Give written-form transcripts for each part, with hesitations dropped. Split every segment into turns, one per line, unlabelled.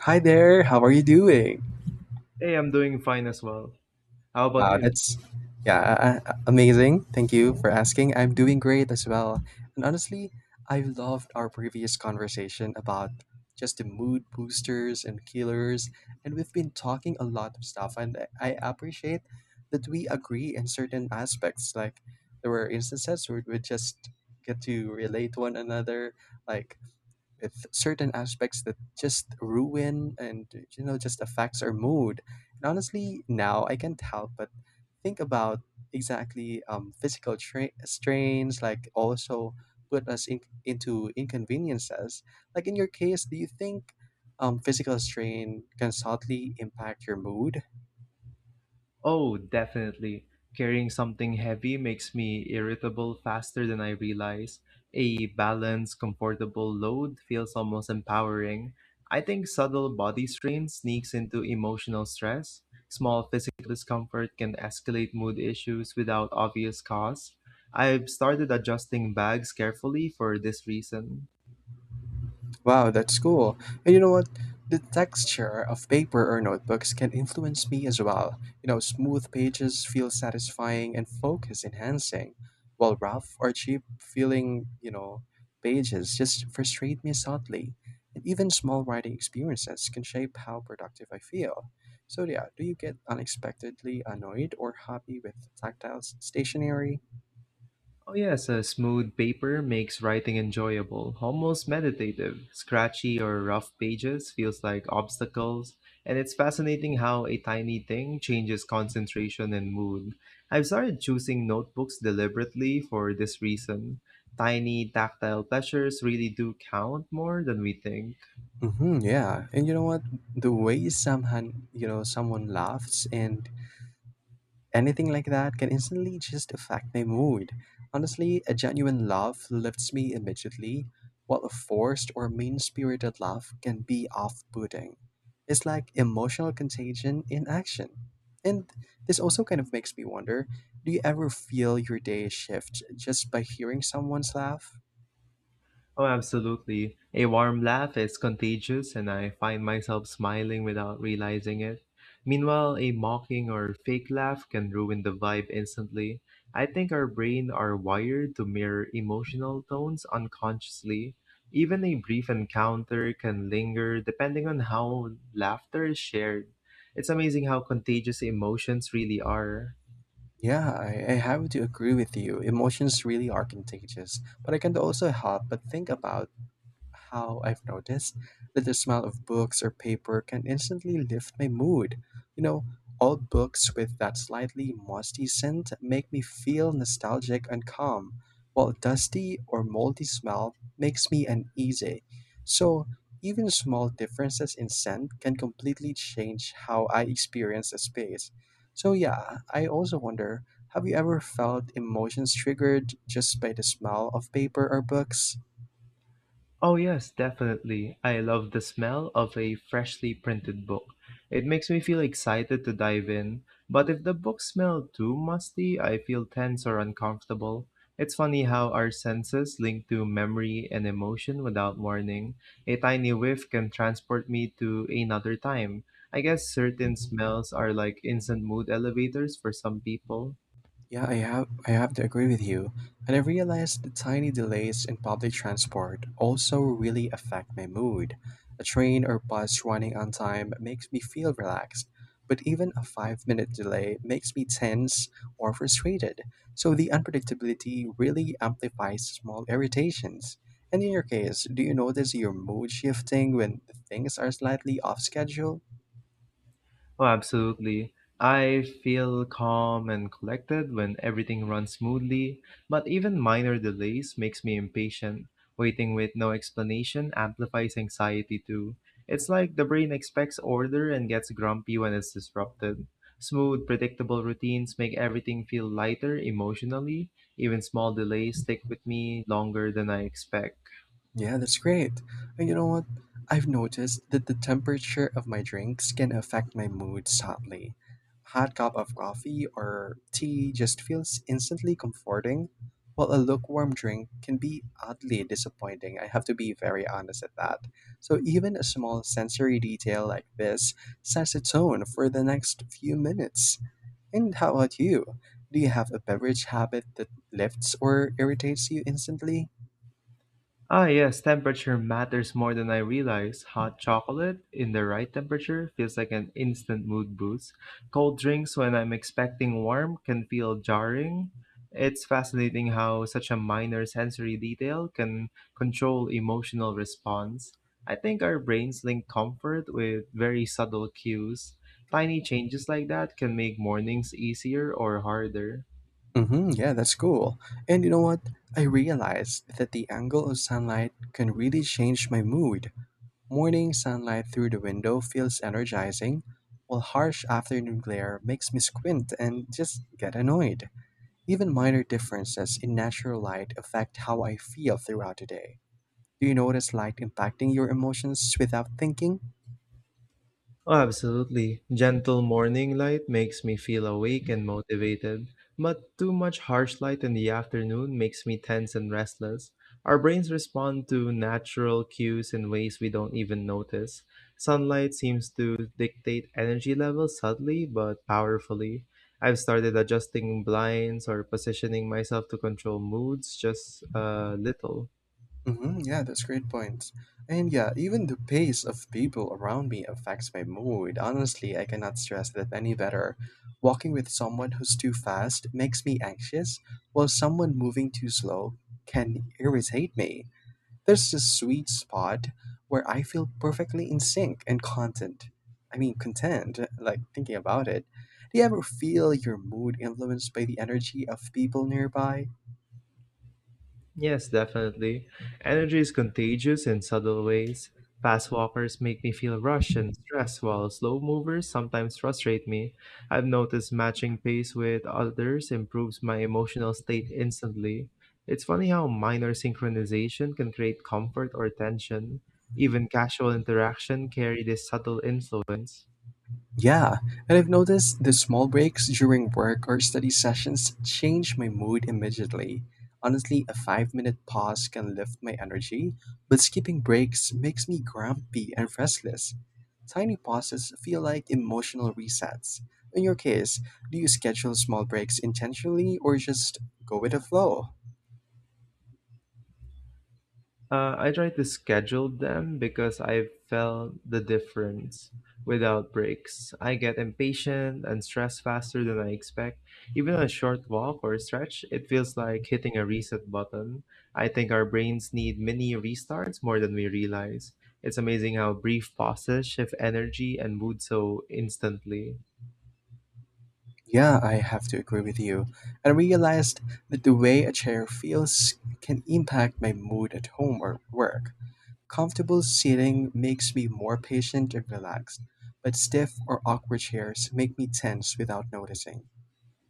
Hi there, how are you doing?
Hey, I'm doing fine as well. How about
Wow,
you?
that's yeah, amazing. Thank you for asking. I'm doing great as well. And honestly, I loved our previous conversation about just the mood boosters and killers, and we've been talking a lot of stuff and I appreciate that we agree in certain aspects. Like there were instances where we just get to relate to one another, like with certain aspects that just ruin and just affects our mood and honestly now I can't help but think about exactly physical strains like also put us into inconveniences, like in your case, do you think physical strain can subtly impact your mood?
Oh, definitely. Carrying something heavy makes me irritable faster than I realize. A balanced, comfortable load feels almost empowering. I think subtle body strain sneaks into emotional stress. Small physical discomfort can escalate mood issues without obvious cause. I've started adjusting bags carefully for this reason.
Wow, that's cool. And you know what? The texture of paper or notebooks can influence me as well. You know, smooth pages feel satisfying and focus enhancing, while rough or cheap feeling, pages just frustrate me subtly. And even small writing experiences can shape how productive I feel. So, yeah, do you get unexpectedly annoyed or happy with tactile stationery?
Oh yes, a smooth paper makes writing enjoyable, almost meditative. Scratchy or rough pages feels like obstacles, and it's fascinating how a tiny thing changes concentration and mood. I've started choosing notebooks deliberately for this reason. Tiny tactile pleasures really do count more than we think.
Mm-hmm, yeah, and you know what? The way someone laughs and anything like that can instantly just affect my mood. Honestly, a genuine laugh lifts me immediately, while a forced or mean spirited laugh can be off putting. It's like emotional contagion in action. And this also kind of makes me wonder, do you ever feel your day shift just by hearing someone's laugh?
Oh, absolutely. A warm laugh is contagious, and I find myself smiling without realizing it. Meanwhile, a mocking or fake laugh can ruin the vibe instantly. I think our brain are wired to mirror emotional tones unconsciously. Even a brief encounter can linger depending on how laughter is shared. It's amazing how contagious emotions really are.
Yeah, I have to agree with you. Emotions really are contagious, but I can't also help but think about how I've noticed that the smell of books or paper can instantly lift my mood. You know, old books with that slightly musty scent make me feel nostalgic and calm, while dusty or moldy smell makes me uneasy. So, even small differences in scent can completely change how I experience a space. So, yeah, I also wonder, have you ever felt emotions triggered just by the smell of paper or books?
Oh yes, definitely. I love the smell of a freshly printed book. It makes me feel excited to dive in, but if the book smells too musty, I feel tense or uncomfortable. It's funny how our senses link to memory and emotion without warning. A tiny whiff can transport me to another time. I guess certain smells are like instant mood elevators for some people.
Yeah, I have to agree with you. And I realized the tiny delays in public transport also really affect my mood. A train or bus running on time makes me feel relaxed, but even a 5-minute delay makes me tense or frustrated. So the unpredictability really amplifies small irritations. And in your case, do you notice your mood shifting when things are slightly off schedule?
Oh, absolutely. I feel calm and collected when everything runs smoothly, but even minor delays makes me impatient. Waiting with no explanation amplifies anxiety too. It's like the brain expects order and gets grumpy when it's disrupted. Smooth, predictable routines make everything feel lighter emotionally. Even small delays stick with me longer than I expect.
Yeah, that's great. And you know what? I've noticed that the temperature of my drinks can affect my mood subtly. Hot cup of coffee or tea just feels instantly comforting, while a lukewarm drink can be oddly disappointing. I have to be very honest at that. So even a small sensory detail like this sets a tone for the next few minutes. And how about you? Do you have a beverage habit that lifts or irritates you instantly?
Ah, yes, temperature matters more than I realize. Hot chocolate in the right temperature feels like an instant mood boost. Cold drinks when I'm expecting warm can feel jarring. It's fascinating how such a minor sensory detail can control emotional response. I think our brains link comfort with very subtle cues. Tiny changes like that can make mornings easier or harder.
Hmm, yeah, that's cool. And you know what? I realized that the angle of sunlight can really change my mood. Morning sunlight through the window feels energizing, while harsh afternoon glare makes me squint and just get annoyed. Even minor differences in natural light affect how I feel throughout the day. Do you notice light impacting your emotions without thinking?
Oh, absolutely. Gentle morning light makes me feel awake and motivated, but too much harsh light in the afternoon makes me tense and restless. Our brains respond to natural cues in ways we don't even notice. Sunlight seems to dictate energy levels subtly but powerfully. I've started adjusting blinds or positioning myself to control moods just a little.
Hmm, yeah, that's great points. And yeah, even the pace of people around me affects my mood. Honestly, I cannot stress that any better. Walking with someone who's too fast makes me anxious, while someone moving too slow can irritate me. There's this sweet spot where I feel perfectly in sync and content. I mean, content, like thinking about it. Do you ever feel your mood influenced by the energy of people nearby?
Yes, definitely. Energy is contagious in subtle ways. Fast walkers make me feel rushed and stressed, while slow movers sometimes frustrate me. I've noticed matching pace with others improves my emotional state instantly. It's funny how minor synchronization can create comfort or tension. Even casual interaction carry this subtle influence.
Yeah, and I've noticed the small breaks during work or study sessions change my mood immediately. Honestly, a 5-minute pause can lift my energy, but skipping breaks makes me grumpy and restless. Tiny pauses feel like emotional resets. In your case, do you schedule small breaks intentionally or just go with the flow?
I try to schedule them because I felt the difference without breaks. I get impatient and stressed faster than I expect. Even on a short walk or stretch, it feels like hitting a reset button. I think our brains need mini restarts more than we realize. It's amazing how brief pauses shift energy and mood so instantly.
Yeah, I have to agree with you. I realized that the way a chair feels can impact my mood at home or work. Comfortable seating makes me more patient and relaxed, but stiff or awkward chairs make me tense without noticing.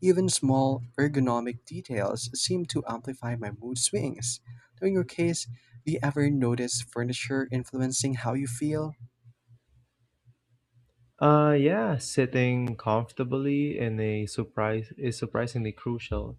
Even small ergonomic details seem to amplify my mood swings. So, in your case, do you ever notice furniture influencing how you feel?
Yeah, sitting comfortably in a surprise is surprisingly crucial.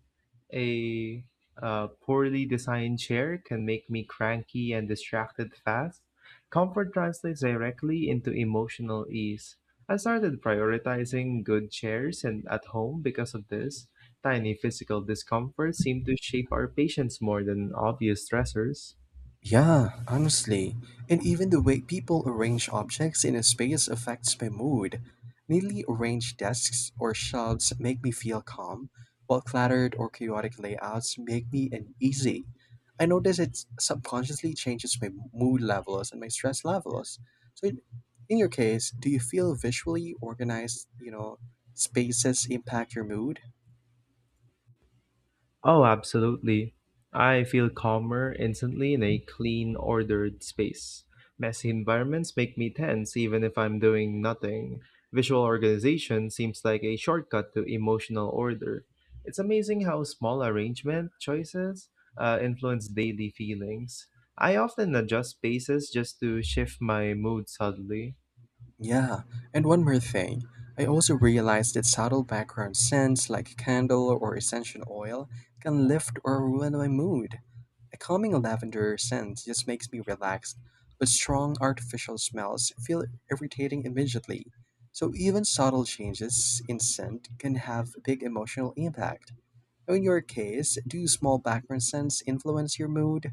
A poorly designed chair can make me cranky and distracted fast. Comfort translates directly into emotional ease. I started prioritizing good chairs and at home because of this. Tiny physical discomforts seem to shape our patience more than obvious stressors.
Yeah, honestly. And even the way people arrange objects in a space affects my mood. Neatly arranged desks or shelves make me feel calm, while cluttered or chaotic layouts make me uneasy. I notice it subconsciously changes my mood levels and my stress levels. So, in your case, do you feel visually organized, spaces impact your mood?
Oh, absolutely. I feel calmer instantly in a clean, ordered space. Messy environments make me tense even if I'm doing nothing. Visual organization seems like a shortcut to emotional order. It's amazing how small arrangement choices influence daily feelings. I often adjust spaces just to shift my mood subtly.
Yeah, and one more thing. I also realized that subtle background scents like candle or essential oil can lift or ruin my mood. A calming lavender scent just makes me relaxed, but strong artificial smells feel irritating immediately. So even subtle changes in scent can have a big emotional impact. In your case, do small background scents influence your mood?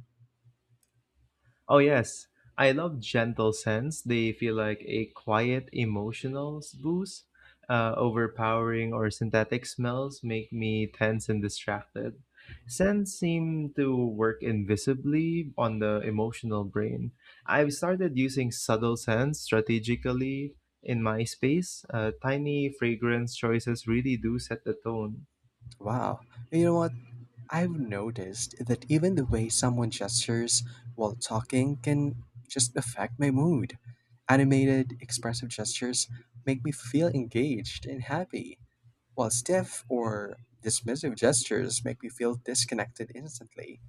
Oh, yes. I love gentle scents. They feel like a quiet emotional boost. Overpowering or synthetic smells make me tense and distracted. Scents seem to work invisibly on the emotional brain. I've started using subtle scents strategically in my space. Tiny fragrance choices really do set the tone.
Wow. You know what? I've noticed that even the way someone gestures while talking can just affect my mood. Animated, expressive gestures make me feel engaged and happy, while stiff or dismissive gestures make me feel disconnected instantly.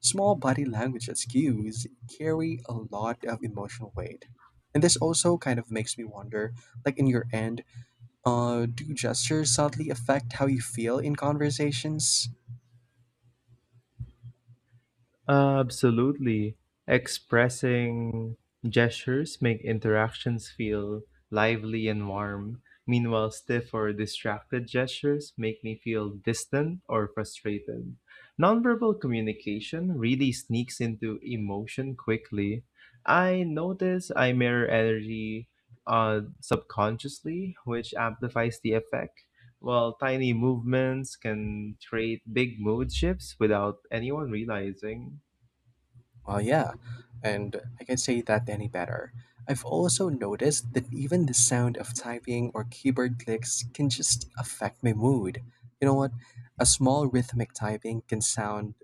Small body language cues carry a lot of emotional weight. And this also kind of makes me wonder, like, in your end, do gestures subtly affect how you feel in conversations?
Absolutely. Expressing gestures make interactions feel lively and warm. Meanwhile, stiff or distracted gestures make me feel distant or frustrated. Nonverbal communication really sneaks into emotion quickly. I notice I mirror energy subconsciously, which amplifies the effect. While tiny movements can create big mood shifts without anyone realizing.
Well, yeah, and I can say that any better. I've also noticed that even the sound of typing or keyboard clicks can just affect my mood. You know what? A small rhythmic typing can sound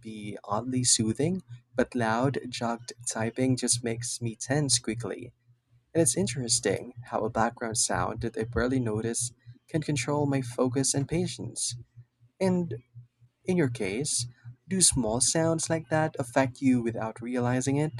be oddly soothing, but loud, jogged typing just makes me tense quickly. And it's interesting how a background sound that I barely notice can control my focus and patience. And in your case, do small sounds like that affect you without realizing it?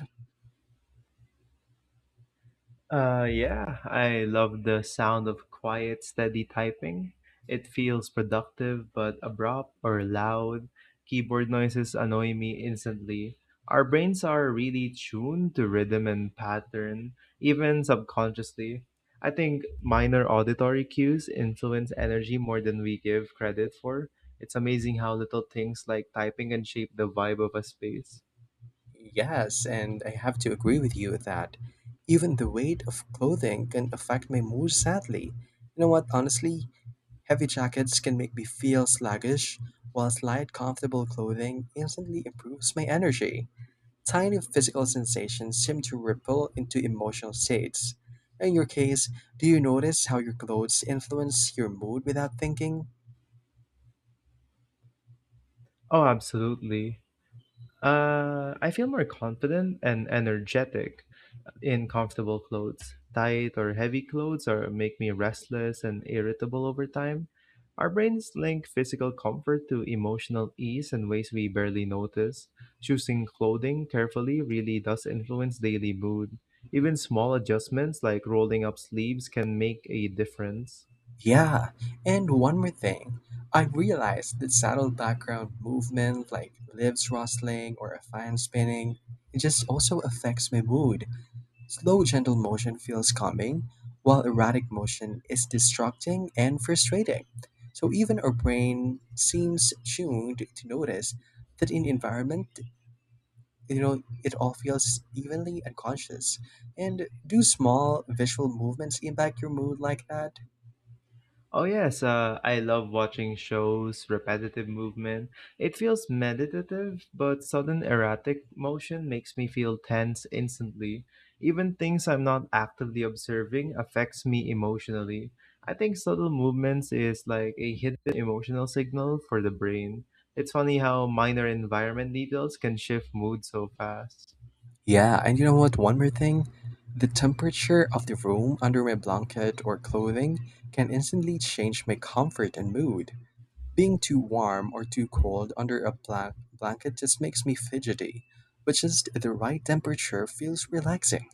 Yeah, I love the sound of quiet, steady typing. It feels productive but abrupt or loud. Keyboard noises annoy me instantly. Our brains are really tuned to rhythm and pattern, even subconsciously. I think minor auditory cues influence energy more than we give credit for. It's amazing how little things like typing can shape the vibe of a space.
Yes, and I have to agree with you that even the weight of clothing can affect my mood sadly. You know what, honestly, heavy jackets can make me feel sluggish, whilst light, comfortable clothing instantly improves my energy. Tiny physical sensations seem to ripple into emotional states. In your case, do you notice how your clothes influence your mood without thinking?
Oh, absolutely. I feel more confident and energetic in comfortable clothes. Tight or heavy clothes are make me restless and irritable over time. Our brains link physical comfort to emotional ease in ways we barely notice. Choosing clothing carefully really does influence daily mood. Even small adjustments like rolling up sleeves can make a difference.
Yeah, and one more thing. I realized that subtle background movement like lips rustling or a fan spinning, it just also affects my mood. Slow, gentle motion feels calming, while erratic motion is distracting and frustrating. So even our brain seems tuned to notice that in environment, you know, it all feels evenly unconscious. And do small visual movements impact your mood like that?
Oh yes, I love watching shows, repetitive movement. It feels meditative, but sudden erratic motion makes me feel tense instantly. Even things I'm not actively observing affects me emotionally. I think subtle movements is like a hidden emotional signal for the brain. It's funny how minor environment details can shift mood so fast.
Yeah, and you know what? One more thing. The temperature of the room under my blanket or clothing can instantly change my comfort and mood. Being too warm or too cold under a blanket just makes me fidgety, but just the right temperature feels relaxing.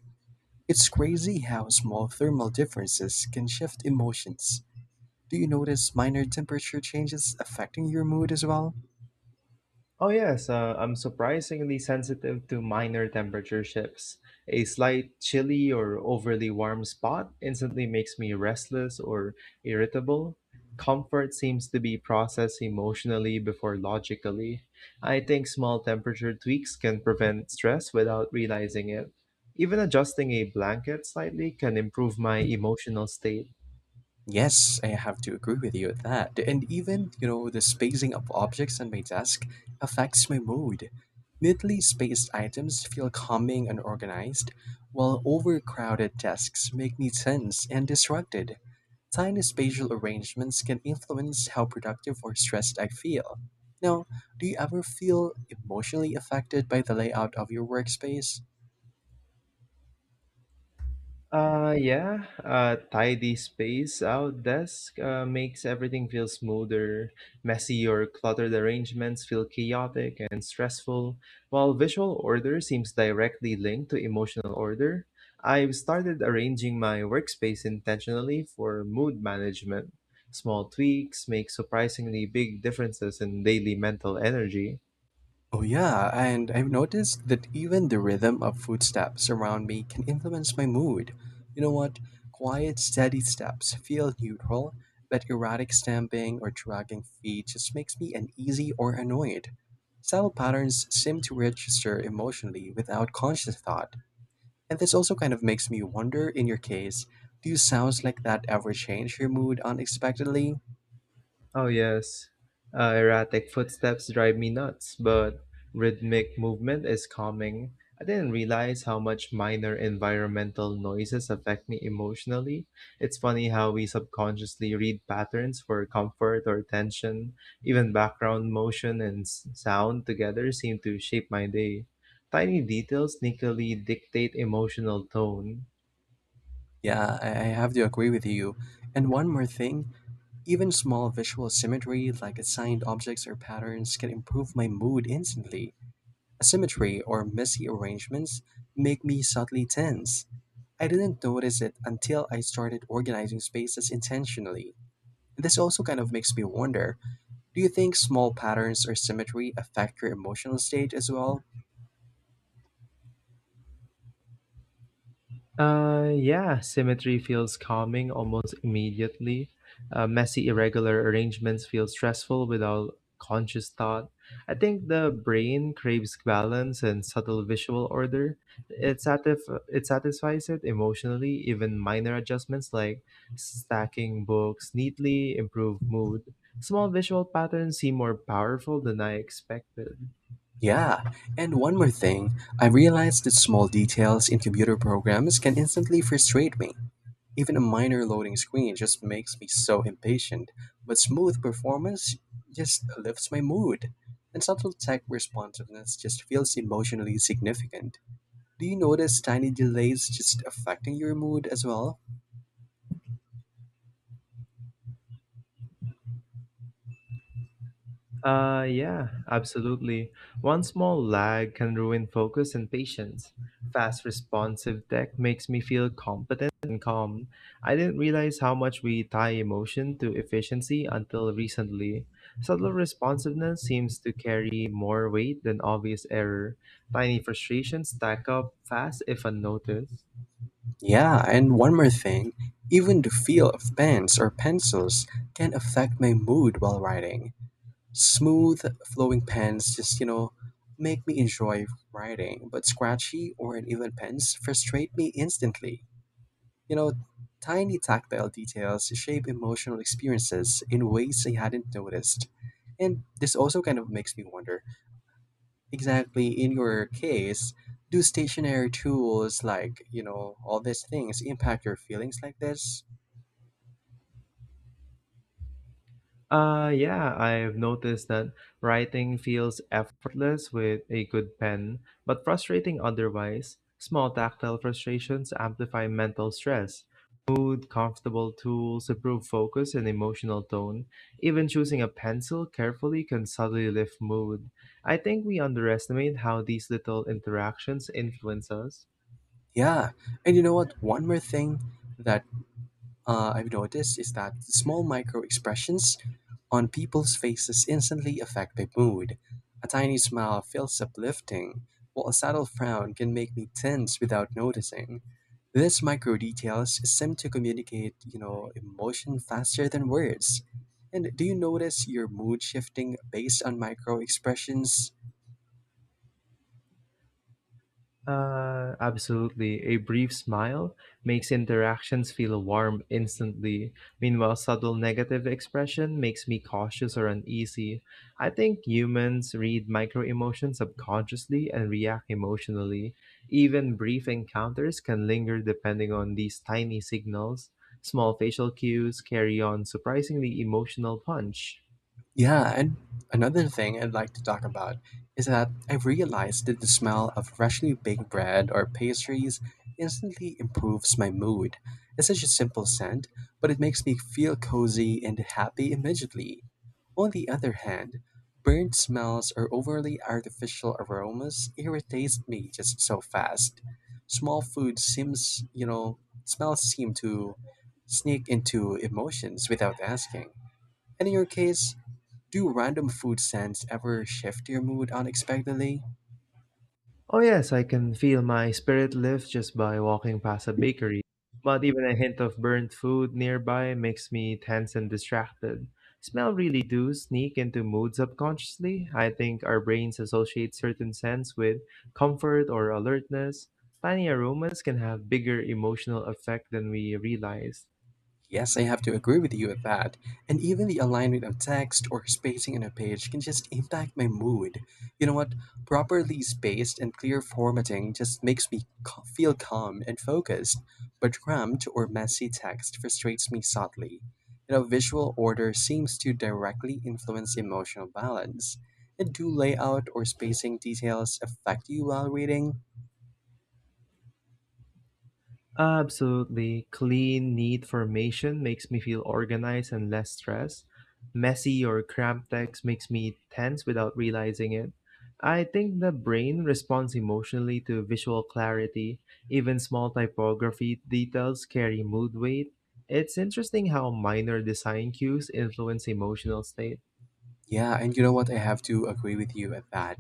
It's crazy how small thermal differences can shift emotions. Do you notice minor temperature changes affecting your mood as well?
Oh yes, I'm surprisingly sensitive to minor temperature shifts. A slight chilly or overly warm spot instantly makes me restless or irritable. Comfort seems to be processed emotionally before logically. I think small temperature tweaks can prevent stress without realizing it. Even adjusting a blanket slightly can improve my emotional state.
Yes, I have to agree with you at that. And even, you know, the spacing of objects on my desk affects my mood. Neatly spaced items feel calming and organized, while overcrowded desks make me tense and distracted. Tiny spatial arrangements can influence how productive or stressed I feel. Now, do you ever feel emotionally affected by the layout of your workspace?
Yeah, Tidy space out desk makes everything feel smoother. Messy or cluttered arrangements feel chaotic and stressful, while visual order seems directly linked to emotional order. I've started arranging my workspace intentionally for mood management. Small tweaks make surprisingly big differences in daily mental energy.
Oh yeah, and I've noticed that even the rhythm of footsteps around me can influence my mood. You know what? Quiet, steady steps feel neutral, but erratic stamping or dragging feet just makes me uneasy or annoyed. Subtle patterns seem to register emotionally without conscious thought, and this also kind of makes me wonder, in your case, do sounds like that ever change your mood unexpectedly?
Oh, yes. Erratic footsteps drive me nuts, but rhythmic movement is calming. I didn't realize how much minor environmental noises affect me emotionally. It's funny how we subconsciously read patterns for comfort or tension. Even background motion and sound together seem to shape my day. Tiny details sneakily dictate emotional tone.
Yeah, I have to agree with you. And one more thing, even small visual symmetry like assigned objects or patterns can improve my mood instantly. Asymmetry or messy arrangements make me subtly tense. I didn't notice it until I started organizing spaces intentionally. This also kind of makes me wonder, do you think small patterns or symmetry affect your emotional state as well?
Yeah, symmetry feels calming almost immediately. Messy, irregular arrangements feel stressful without conscious thought. I think the brain craves balance and subtle visual order. It, it satisfies it emotionally. Even minor adjustments like stacking books neatly improve mood. Small visual patterns seem more powerful than I expected.
Yeah, and one more thing, I realized that small details in computer programs can instantly frustrate me. Even a minor loading screen just makes me so impatient, but smooth performance just lifts my mood. And subtle tech responsiveness just feels emotionally significant. Do you notice tiny delays just affecting your mood as well?
Yeah, absolutely. One small lag can ruin focus and patience. Fast responsive tech makes me feel competent and calm. I didn't realize how much we tie emotion to efficiency until recently. Subtle responsiveness seems to carry more weight than obvious error. Tiny frustrations stack up fast if unnoticed.
Yeah, and one more thing, even the feel of pens or pencils can affect my mood while writing. Smooth, flowing pens just make me enjoy writing, but scratchy or uneven pens frustrate me instantly. You know, tiny tactile details shape emotional experiences in ways I hadn't noticed. And this also kind of makes me wonder exactly in your case, do stationary tools like, all these things impact your feelings like this?
Yeah, I've noticed that writing feels effortless with a good pen, but frustrating otherwise. Small tactile frustrations amplify mental stress. Mood, comfortable tools improve focus and emotional tone. Even choosing a pencil carefully can subtly lift mood. I think we underestimate how these little interactions influence us.
Yeah. And you know what? One more thing that I've noticed is that small micro expressions on people's faces instantly affect my mood. A tiny smile feels uplifting, while a subtle frown can make me tense without noticing. These micro details seem to communicate, emotion faster than words. And do you notice your mood shifting based on micro expressions?
Absolutely. A brief smile makes interactions feel warm instantly. Meanwhile, subtle negative expression makes me cautious or uneasy. I think humans read micro emotions subconsciously and react emotionally. Even brief encounters can linger depending on these tiny signals. Small facial cues carry on surprisingly emotional punch.
Yeah, and another thing I'd like to talk about is that I realized that the smell of freshly baked bread or pastries instantly improves my mood. It's such a simple scent, but it makes me feel cozy and happy immediately. On the other hand, burnt smells or overly artificial aromas irritate me just so fast. Small food seems, smells seem to sneak into emotions without asking. And in your case, do random food scents ever shift your mood unexpectedly?
Oh, yes, I can feel my spirit lift just by walking past a bakery. But even a hint of burnt food nearby makes me tense and distracted. Smell really do sneak into moods subconsciously. I think our brains associate certain scents with comfort or alertness. Tiny aromas can have bigger emotional effect than we realize.
Yes, I have to agree with you with that. And even the alignment of text or spacing on a page can just impact my mood. You know what? Properly spaced and clear formatting just makes me feel calm and focused, but cramped or messy text frustrates me subtly. You know, visual order seems to directly influence emotional balance. And do layout or spacing details affect you while reading?
Absolutely. Clean, neat formation makes me feel organized and less stressed. Messy or cramped text makes me tense without realizing it. I think the brain responds emotionally to visual clarity. Even small typography details carry mood weight. It's interesting how minor design cues influence emotional state.
Yeah, and you know what? I have to agree with you at that.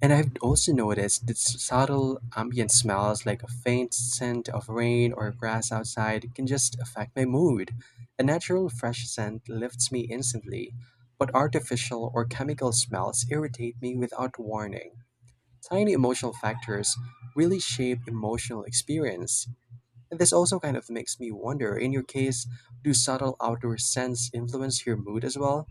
And I've also noticed that subtle ambient smells like a faint scent of rain or grass outside can just affect my mood. A natural fresh scent lifts me instantly, but artificial or chemical smells irritate me without warning. Tiny emotional factors really shape emotional experience. And this also kind of makes me wonder in your case, do subtle outdoor scents influence your mood as well?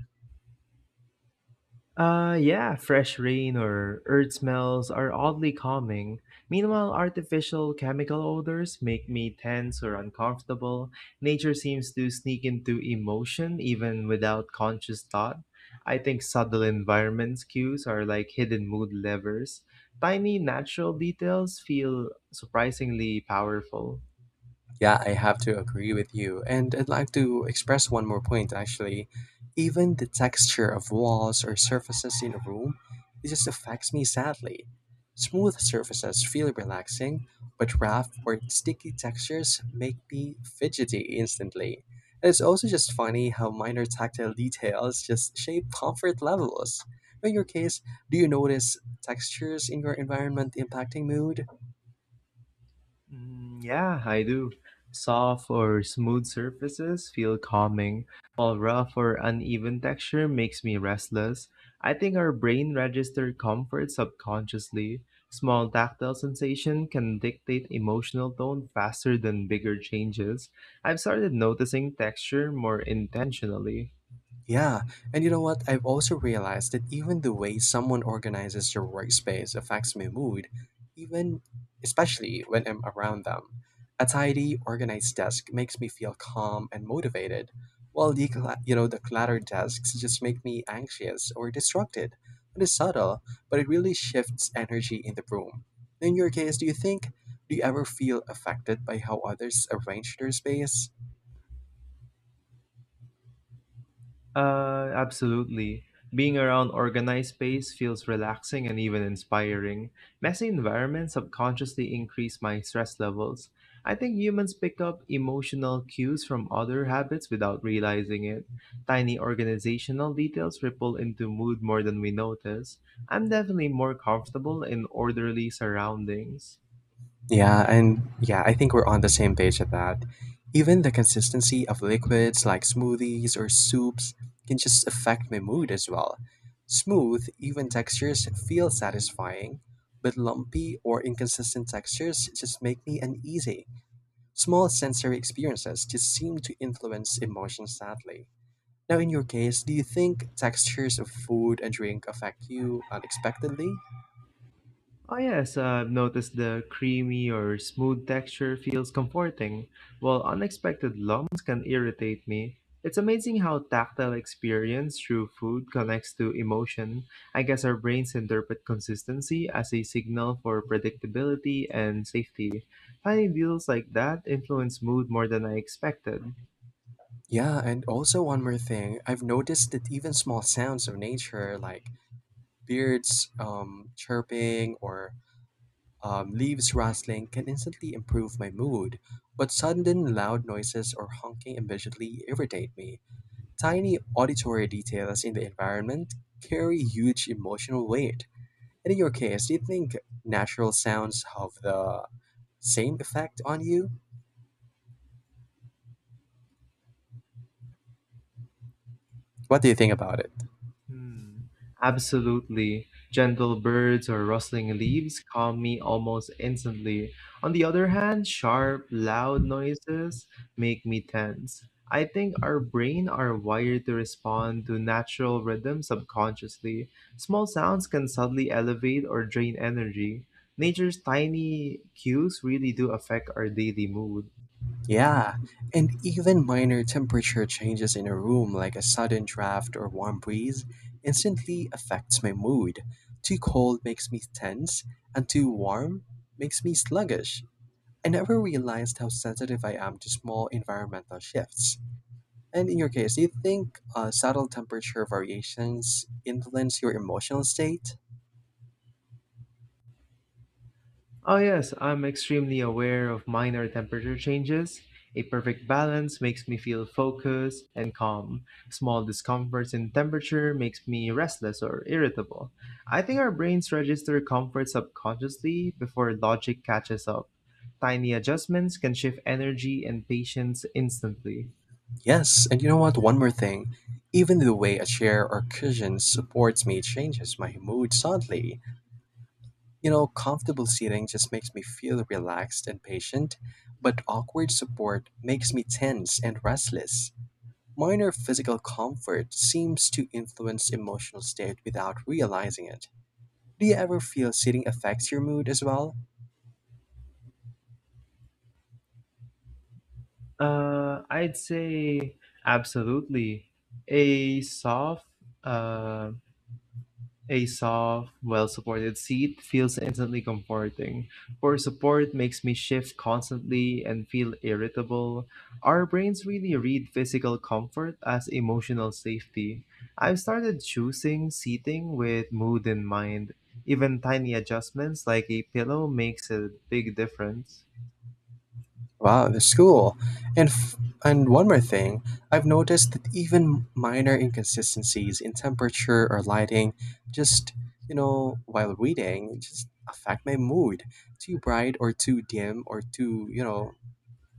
Yeah, fresh rain or earth smells are oddly calming. Meanwhile, artificial chemical odors make me tense or uncomfortable. Nature seems to sneak into emotion even without conscious thought. I think subtle environments cues are like hidden mood levers. Tiny natural details feel surprisingly powerful.
Yeah, I have to agree with you. And I'd like to express one more point actually. Even the texture of walls or surfaces in a room, it just affects me sadly. Smooth surfaces feel relaxing, but rough or sticky textures make me fidgety instantly. And it's also just funny how minor tactile details just shape comfort levels. In your case, do you notice textures in your environment impacting mood?
Mm, yeah, I do. Soft or smooth surfaces feel calming, while rough or uneven texture makes me restless. I think our brain registers comfort subconsciously. Small tactile sensation can dictate emotional tone faster than bigger changes. I've started noticing texture more intentionally.
Yeah, and you know what? I've also realized that even the way someone organizes their workspace affects my mood, even especially when I'm around them. A tidy, organized desk makes me feel calm and motivated, while the the cluttered desks just make me anxious or distracted. It is subtle, but it really shifts energy in the room. In your case, do you ever feel affected by how others arrange their space?
Absolutely. Being around organized space feels relaxing and even inspiring. Messy environments subconsciously increase my stress levels. I think humans pick up emotional cues from other habits without realizing it. Tiny organizational details ripple into mood more than we notice. I'm definitely more comfortable in orderly surroundings.
Yeah, and I think we're on the same page at that. Even the consistency of liquids like smoothies or soups can just affect my mood as well. Smooth, even textures feel satisfying, but lumpy or inconsistent textures just make me uneasy. Small sensory experiences just seem to influence emotions sadly. Now, in your case, do you think textures of food and drink affect you unexpectedly?
Oh yes, I've noticed the creamy or smooth texture feels comforting, while unexpected lumps can irritate me. It's amazing how tactile experience through food connects to emotion. I guess our brains interpret consistency as a signal for predictability and safety. Tiny deals like that influence mood more than I expected.
Yeah, and also one more thing, I've noticed that even small sounds of nature, like birds chirping or leaves rustling, can instantly improve my mood. But sudden loud noises or honking immediately irritate me. Tiny auditory details in the environment carry huge emotional weight. And in your case, do you think natural sounds have the same effect on you? What do you think about it?
Hmm. Absolutely. Gentle birds or rustling leaves calm me almost instantly. On the other hand, sharp, loud noises make me tense. I think our brain are wired to respond to natural rhythm subconsciously. Small sounds can suddenly elevate or drain energy. Nature's tiny cues really do affect our daily mood.
Yeah, and even minor temperature changes in a room, like a sudden draft or warm breeze, instantly affects my mood. Too cold makes me tense, and too warm makes me sluggish. I never realized how sensitive I am to small environmental shifts. And in your case, do you think subtle temperature variations influence your emotional state?
Oh, yes, I'm extremely aware of minor temperature changes. A perfect balance makes me feel focused and calm. Small discomforts in temperature makes me restless or irritable. I think our brains register comfort subconsciously before logic catches up. Tiny adjustments can shift energy and patience instantly.
Yes, and you know what? One more thing. Even the way a chair or cushion supports me changes my mood subtly. You know, comfortable seating just makes me feel relaxed and patient, but awkward support makes me tense and restless. Minor physical comfort seems to influence emotional state without realizing it. Do you ever feel sitting affects your mood as well?
I'd say absolutely. A soft, uh, A soft, well-supported seat feels instantly comforting. Poor support makes me shift constantly and feel irritable. Our brains really read physical comfort as emotional safety. I've started choosing seating with mood in mind. Even tiny adjustments like a pillow makes a big difference.
Wow, that's cool. And f- and one more thing, I've noticed that even minor inconsistencies in temperature or lighting, just while reading, just affect my mood. Too bright or too dim or too you know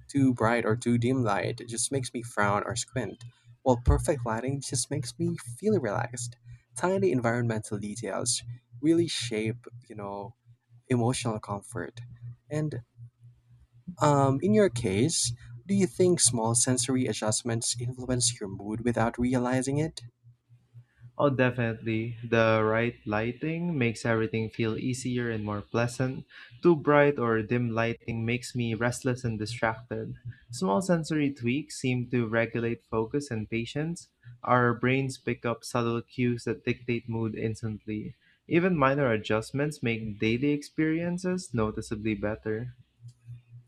too bright or too dim light it just makes me frown or squint. While perfect lighting just makes me feel relaxed. Tiny environmental details really shape emotional comfort. And in your case, do you think small sensory adjustments influence your mood without realizing it?
Oh, definitely. The right lighting makes everything feel easier and more pleasant. Too bright or dim lighting makes me restless and distracted. Small sensory tweaks seem to regulate focus and patience. Our brains pick up subtle cues that dictate mood instantly. Even minor adjustments make daily experiences noticeably better.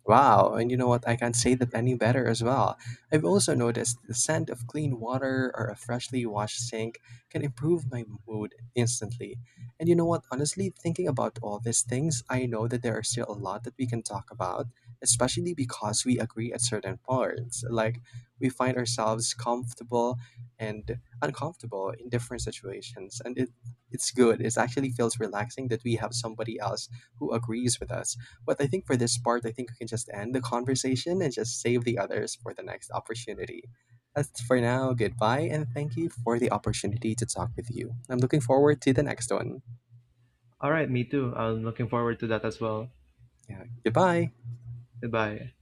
Wow, and you know what? I can't say that any better as well. I've also noticed the scent of clean water or a freshly washed sink can improve my mood instantly. And you know what? Honestly, thinking about all these things, I know that there are still a lot that we can talk about, especially because we agree at certain parts. Like, we find ourselves comfortable and uncomfortable in different situations, and it's good. It actually feels relaxing that we have somebody else who agrees with us. But I think for this part, I think we can just end the conversation and just save the others for the next opportunity. As for now, goodbye and thank you for the opportunity to talk with you. I'm looking forward to the next one.
All right, me too. I'm looking forward to that as well.
Yeah, goodbye.
Goodbye.